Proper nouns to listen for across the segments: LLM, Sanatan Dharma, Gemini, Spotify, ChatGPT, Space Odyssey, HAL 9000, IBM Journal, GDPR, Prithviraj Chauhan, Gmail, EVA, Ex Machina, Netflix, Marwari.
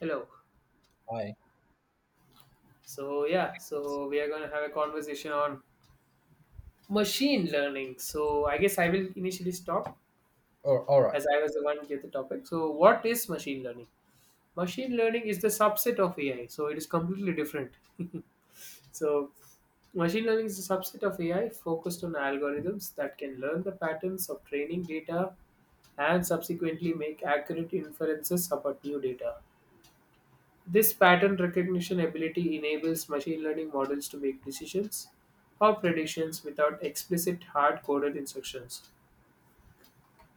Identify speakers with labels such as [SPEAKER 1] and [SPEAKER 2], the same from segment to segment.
[SPEAKER 1] Hello.
[SPEAKER 2] Hi.
[SPEAKER 1] So yeah, so we are going to have a conversation on machine learning. So I guess I will initially stop
[SPEAKER 2] Oh, all right.
[SPEAKER 1] as I was the one gave the topic. So what is machine learning? Machine learning is the subset of AI. So it is completely different. so machine learning is a subset of AI focused on algorithms that can learn the patterns of training data and subsequently make accurate inferences about new data. This pattern recognition ability enables machine learning models to make decisions or predictions without explicit hard coded instructions.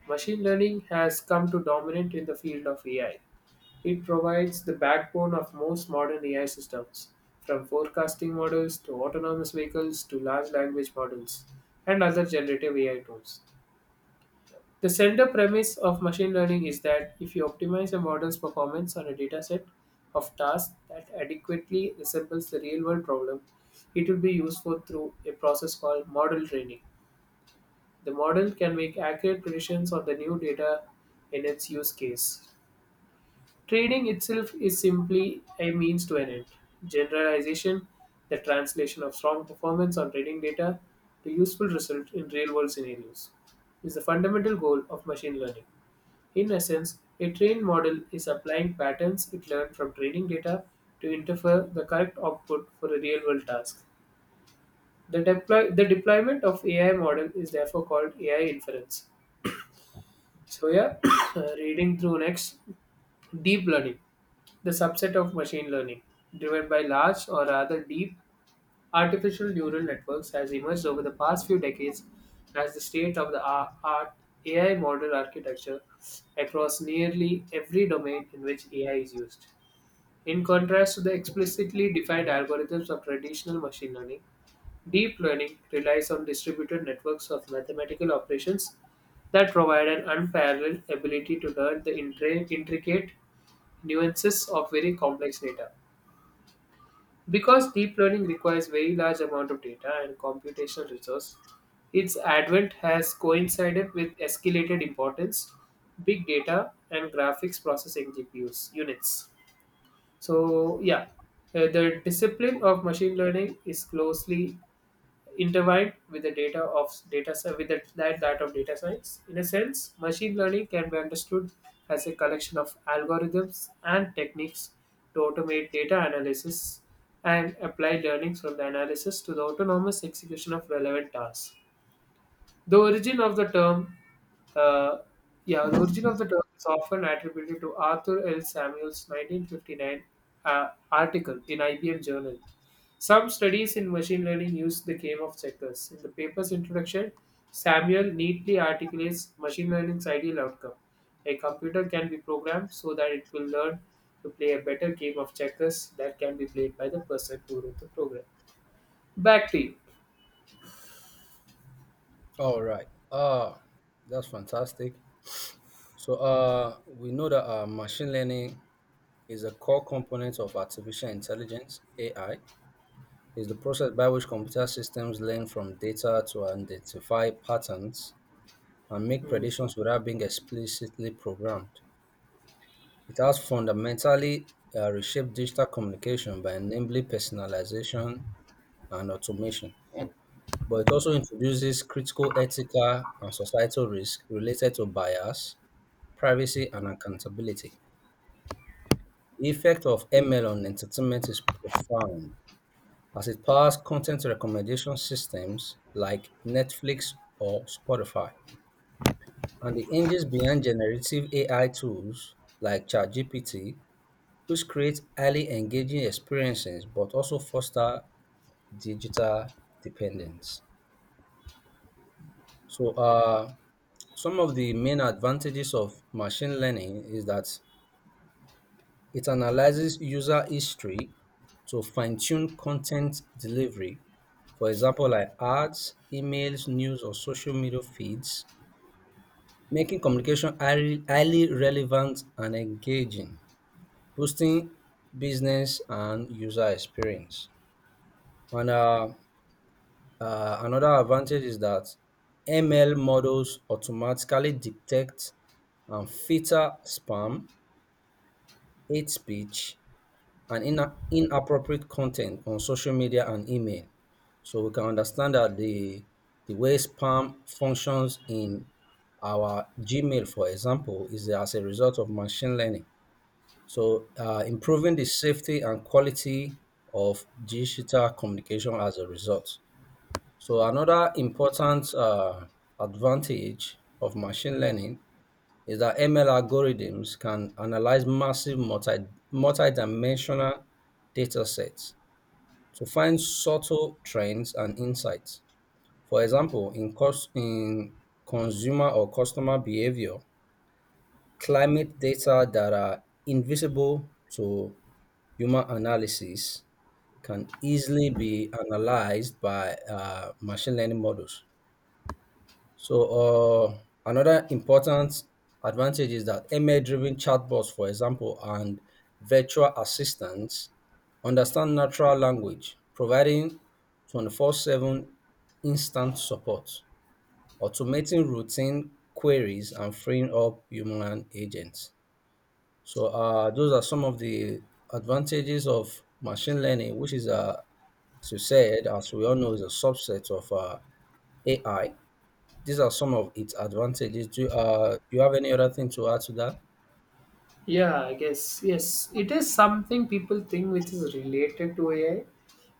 [SPEAKER 1] Machine learning has come to dominate in the field of AI. It provides the backbone of most modern AI systems, from forecasting models to autonomous vehicles to large language models and other generative AI tools. The central premise of machine learning is that if you optimize a model's performance on a dataset of tasks that adequately resembles the real world problem, it will be useful through a process called model training. The model can make accurate predictions on the new data in its use case. Trading itself is simply a means to an end. Generalization, the translation of strong performance on trading data to useful results in real world scenarios, is the fundamental goal of machine learning. In essence, a trained model is applying patterns it learned from training data to infer the correct output for a real world task. The deployment of AI model is therefore called AI inference. So yeah, reading through next, deep learning, the subset of machine learning, driven by large or rather deep artificial neural networks, has emerged over the past few decades as the state of the art AI model architecture across nearly every domain in which AI is used. In contrast to the explicitly defined algorithms of traditional machine learning. Deep learning relies on distributed networks of mathematical operations that provide an unparalleled ability to learn the intricate nuances of very complex data. Because deep learning requires very large amount of data and computational resource, its advent has coincided with escalated importance, big data and graphics processing GPUs units. So yeah, the discipline of machine learning is closely intertwined with the, that that of data science. In a sense, machine learning can be understood as a collection of algorithms and techniques to automate data analysis and apply learning from the analysis to the autonomous execution of relevant tasks. The origin of the term, uh, yeah, the origin of the term is often attributed to Arthur L. Samuel's 1959 article in IBM Journal. Some studies in machine learning use the game of checkers. In the paper's introduction, Samuel neatly articulates machine learning's ideal outcome. A computer can be programmed so that it will learn to play a better game of checkers that can be played by the person who wrote the program. Back to you.
[SPEAKER 2] All right. Uh, that's fantastic. So, we know that machine learning is a core component of artificial intelligence (AI). Is the process by which computer systems learn from data to identify patterns and make
[SPEAKER 1] Hmm.
[SPEAKER 2] predictions without being explicitly programmed. It has fundamentally reshaped digital communication by enabling personalization and automation, but it also introduces critical ethical and societal risks related to bias, privacy, and accountability. The effect of ML on entertainment is profound, as it powers content recommendation systems like Netflix or Spotify, and the engines behind generative AI tools like ChatGPT, which create highly engaging experiences but also foster digital dependence. So, uh, Some of the main advantages of machine learning is that it analyzes user history to fine tune content delivery. For example, like ads, emails, news, or social media feeds, making communication highly relevant and engaging, boosting business and user experience. And another advantage is that ML models automatically detect and filter spam, hate speech, and inappropriate content on social media and email. So we can understand that the way spam functions in our Gmail, for example, is as a result of machine learning, so improving the safety and quality of digital communication as a result. So another important advantage of machine learning is that ML algorithms can analyze massive multidimensional data sets to find subtle trends and insights. For example, in consumer or customer behavior, climate data that are invisible to human analysis can easily be analyzed by machine learning models. So uh, another important advantage is that ML-driven chatbots, for example, and virtual assistants understand natural language, providing 24/7 instant support, automating routine queries, and freeing up human agents. So those are some of the advantages of machine learning, which is a, as you said, as we all know, is a subset of AI. These are some of its advantages. Do you, you have any other thing to add to that?
[SPEAKER 1] Yeah, I guess. Yes, it is something people think which is related to AI,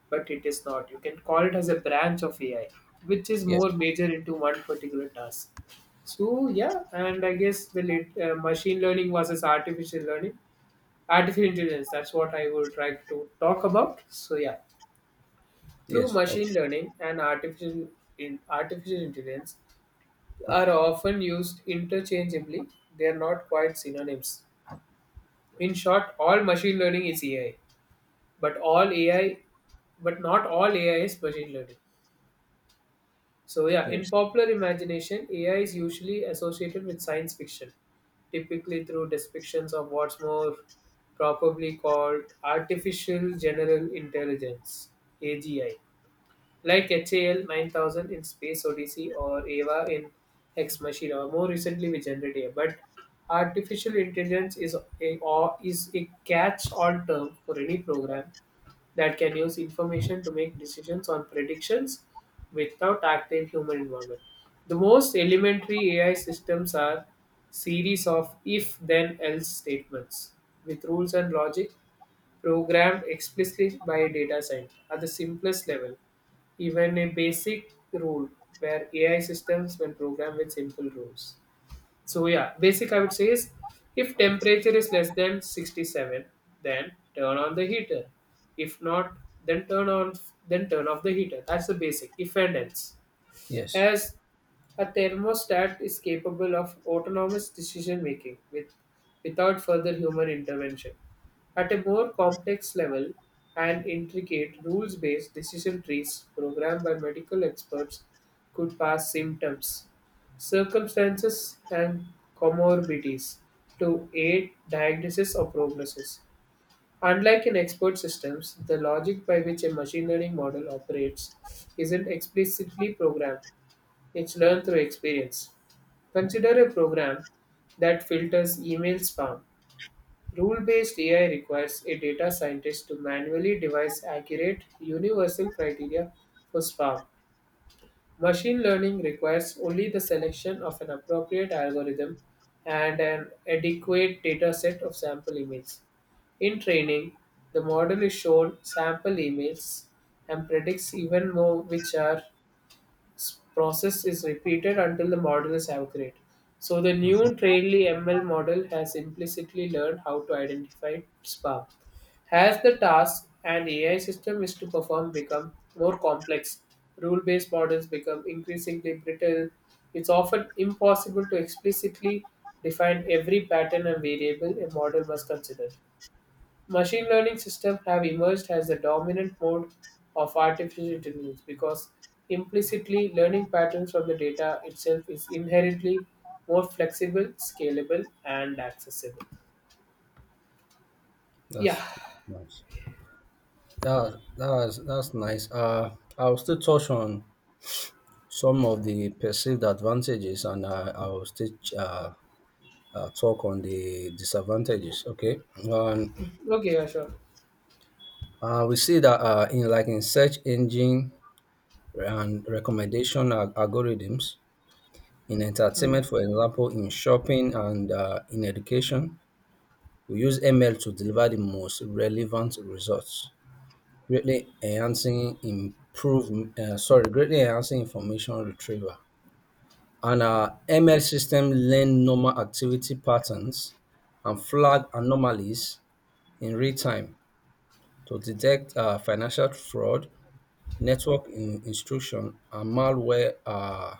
[SPEAKER 1] but it is not. You can call it as a branch of AI, which is
[SPEAKER 2] Yes.
[SPEAKER 1] more major into one particular task. So, yeah, and I guess machine learning versus artificial intelligence, that's what I would try to talk about. So, yeah, through
[SPEAKER 2] Yes.
[SPEAKER 1] machine
[SPEAKER 2] Okay.
[SPEAKER 1] learning and artificial intelligence are often used interchangeably. They are not quite synonyms. In short, all machine learning is AI, but all AI, but not all AI is machine learning. So yeah, in
[SPEAKER 2] Yes.
[SPEAKER 1] popular imagination, AI is usually associated with science fiction, typically through depictions of what's more properly called artificial general intelligence (AGI), like HAL 9000 in Space Odyssey or EVA in Ex Machina, or more recently with generative A I. But artificial intelligence is a, or is a catch-all term for any program that can use information to make decisions on predictions without active human involvement. The most elementary AI systems are series of if then else statements with rules and logic programmed explicitly by a data science. At the simplest level, even a basic rule where AI systems when programmed with simple rules. So yeah, basic I would say is, if temperature is less than 67, then turn on the heater. If not, then turn on then turn off the heater. That's the basic if and else,
[SPEAKER 2] Yes.
[SPEAKER 1] as a thermostat is capable of autonomous decision making without further human intervention. At a more complex level, and intricate rules based decision trees programmed by medical experts could pass symptoms, circumstances, and comorbidities to aid diagnosis or prognosis. Unlike in expert systems, the logic by which a machine learning model operates isn't explicitly programmed. It's learned through experience. Consider a program that filters email spam. Rule based AI requires a data scientist to manually devise accurate, universal criteria for spam. Machine learning requires only the selection of an appropriate algorithm and an adequate data set of sample emails. In training, the model is shown sample emails and predicts even more which are process is repeated until the model is accurate. So the new
[SPEAKER 2] Mhm.
[SPEAKER 1] Trainly ML model has implicitly learned how to identify spam. As the task and AI system is to perform become more complex, rule-based models become increasingly brittle. It's often impossible to explicitly define every pattern and variable a model must consider. Machine learning systems have emerged as the dominant mode of artificial intelligence because implicitly learning patterns from the data itself is inherently more flexible, scalable, and accessible. Yeah.
[SPEAKER 2] That's nice. That's nice. I'll still touch on some of the perceived advantages, and I will still uh, talk on the disadvantages. Okay. Um,
[SPEAKER 1] Okay, yeah, sure.
[SPEAKER 2] we see that in like in search engine and recommendation algorithms, in
[SPEAKER 1] Mm,
[SPEAKER 2] entertainment, for example, in shopping and in education, we use ML to deliver the most relevant results, greatly enhancing information retrieval. And our ML system learn normal activity patterns and flag anomalies in real time to detect financial fraud, network instruction, and malware,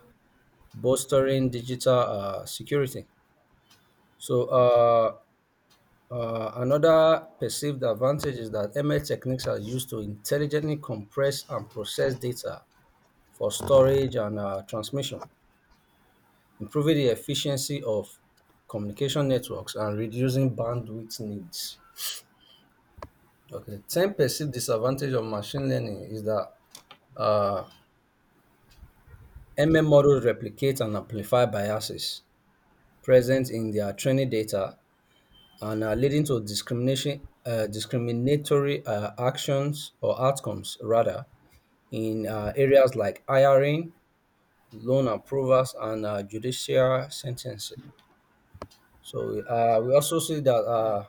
[SPEAKER 2] bolstering digital security. So, uh, another perceived advantage is that ML techniques are used to intelligently compress and process data for storage and transmission, improving the efficiency of communication networks and reducing bandwidth needs. Okay, 10 perceived disadvantage of machine learning is that uh, ML models replicate and amplify biases present in their training data and are leading to discriminatory actions or outcomes rather in areas like hiring, loan approvals, and judicial sentencing. So we also see that uh,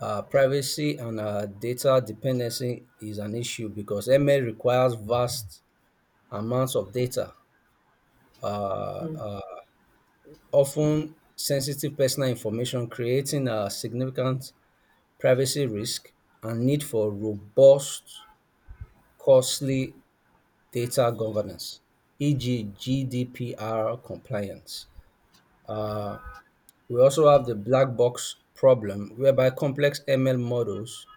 [SPEAKER 2] uh, privacy and data dependency is an issue because ML requires vast amounts of data, uh,
[SPEAKER 1] mm.
[SPEAKER 2] uh, often sensitive personal information, creating a significant privacy risk and need for robust, costly data governance, e.g., GDPR compliance. Uh, we also have the black box problem, whereby complex ML models,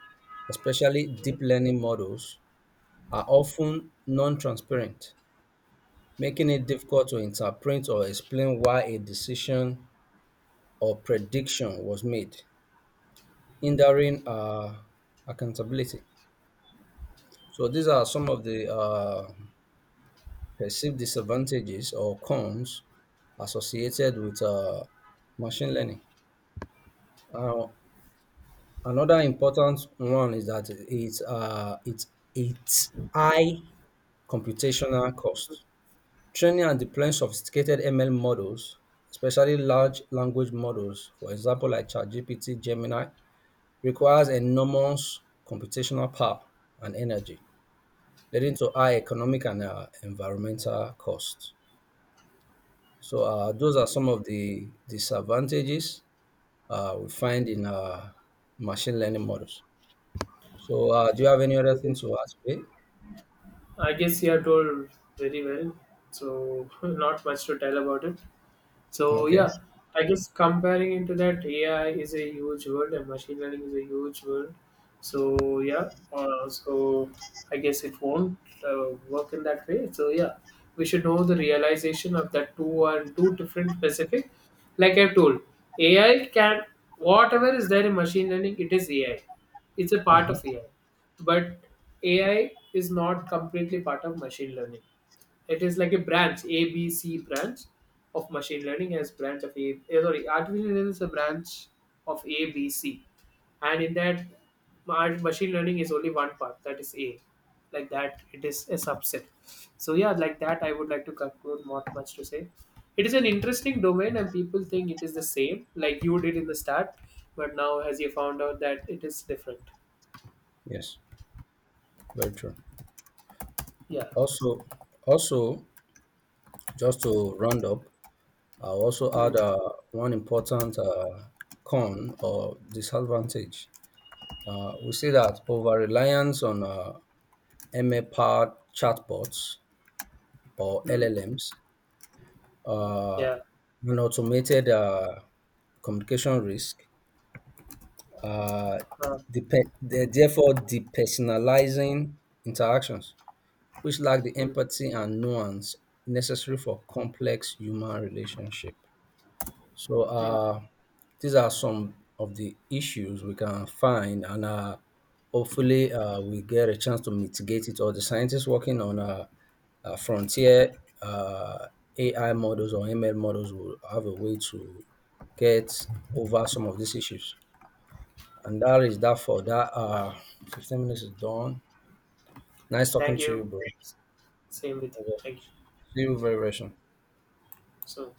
[SPEAKER 2] especially deep learning models, are often non transparent, making it difficult to interpret or explain why a decision or prediction was made, hindering accountability. So, these are some of the perceived disadvantages or cons associated with machine learning. Uh, Another important one is that it's high computational cost. Training and deploying sophisticated ML models, especially large language models, for example like ChatGPT, Gemini, requires enormous computational power and energy, leading to high economic and environmental costs. So those are some of the disadvantages we find in machine learning models. So, do you have any other
[SPEAKER 1] I
[SPEAKER 2] thing
[SPEAKER 1] guess.
[SPEAKER 2] to ask me?
[SPEAKER 1] I guess you have told very well, so not much to tell about it. So
[SPEAKER 2] Okay.
[SPEAKER 1] yeah, I guess comparing into that, AI is a huge world and machine learning is a huge world. So yeah, so I guess it won't work in that way. So yeah, we should know the realization of that two and two different specific. Like I told, AI can whatever is there in machine learning, it is AI. It's a part
[SPEAKER 2] Hmm.
[SPEAKER 1] of AI, but AI is not completely part of machine learning. It is like a branch, ABC branch of machine learning as branch of A. Sorry, artificial intelligence is a branch of ABC, and in that, machine learning is only one part. That is A. Like that, it is a subset. So yeah, like that, I would like to conclude. Not much to say. It is an interesting domain, and people think it is the same, like you did in the start, but now as you found out that it is different.
[SPEAKER 2] Yes, very true.
[SPEAKER 1] Yeah.
[SPEAKER 2] Also, also, just to round up, I also
[SPEAKER 1] Hmm.
[SPEAKER 2] add one important con or disadvantage. We see that over reliance on ML-powered chatbots or
[SPEAKER 1] Hmm.
[SPEAKER 2] LLMs, uh,
[SPEAKER 1] Yeah.
[SPEAKER 2] an automated communication risk, uh,
[SPEAKER 1] Uh,
[SPEAKER 2] the, therefore depersonalizing interactions, which lack the
[SPEAKER 1] hmm.
[SPEAKER 2] empathy and nuance necessary for complex human relationship. So
[SPEAKER 1] Hmm.
[SPEAKER 2] these are some of the issues we can find, and hopefully we get a chance to mitigate it. Or the scientists working on frontier uh, AI models or ML models will have a way to get over some of these issues. And that is that for that. 15 minutes is done. Nice talking
[SPEAKER 1] Thank
[SPEAKER 2] to you,
[SPEAKER 1] you.
[SPEAKER 2] bro.
[SPEAKER 1] Same with you. Thank you.
[SPEAKER 2] See you very, very soon.
[SPEAKER 1] So.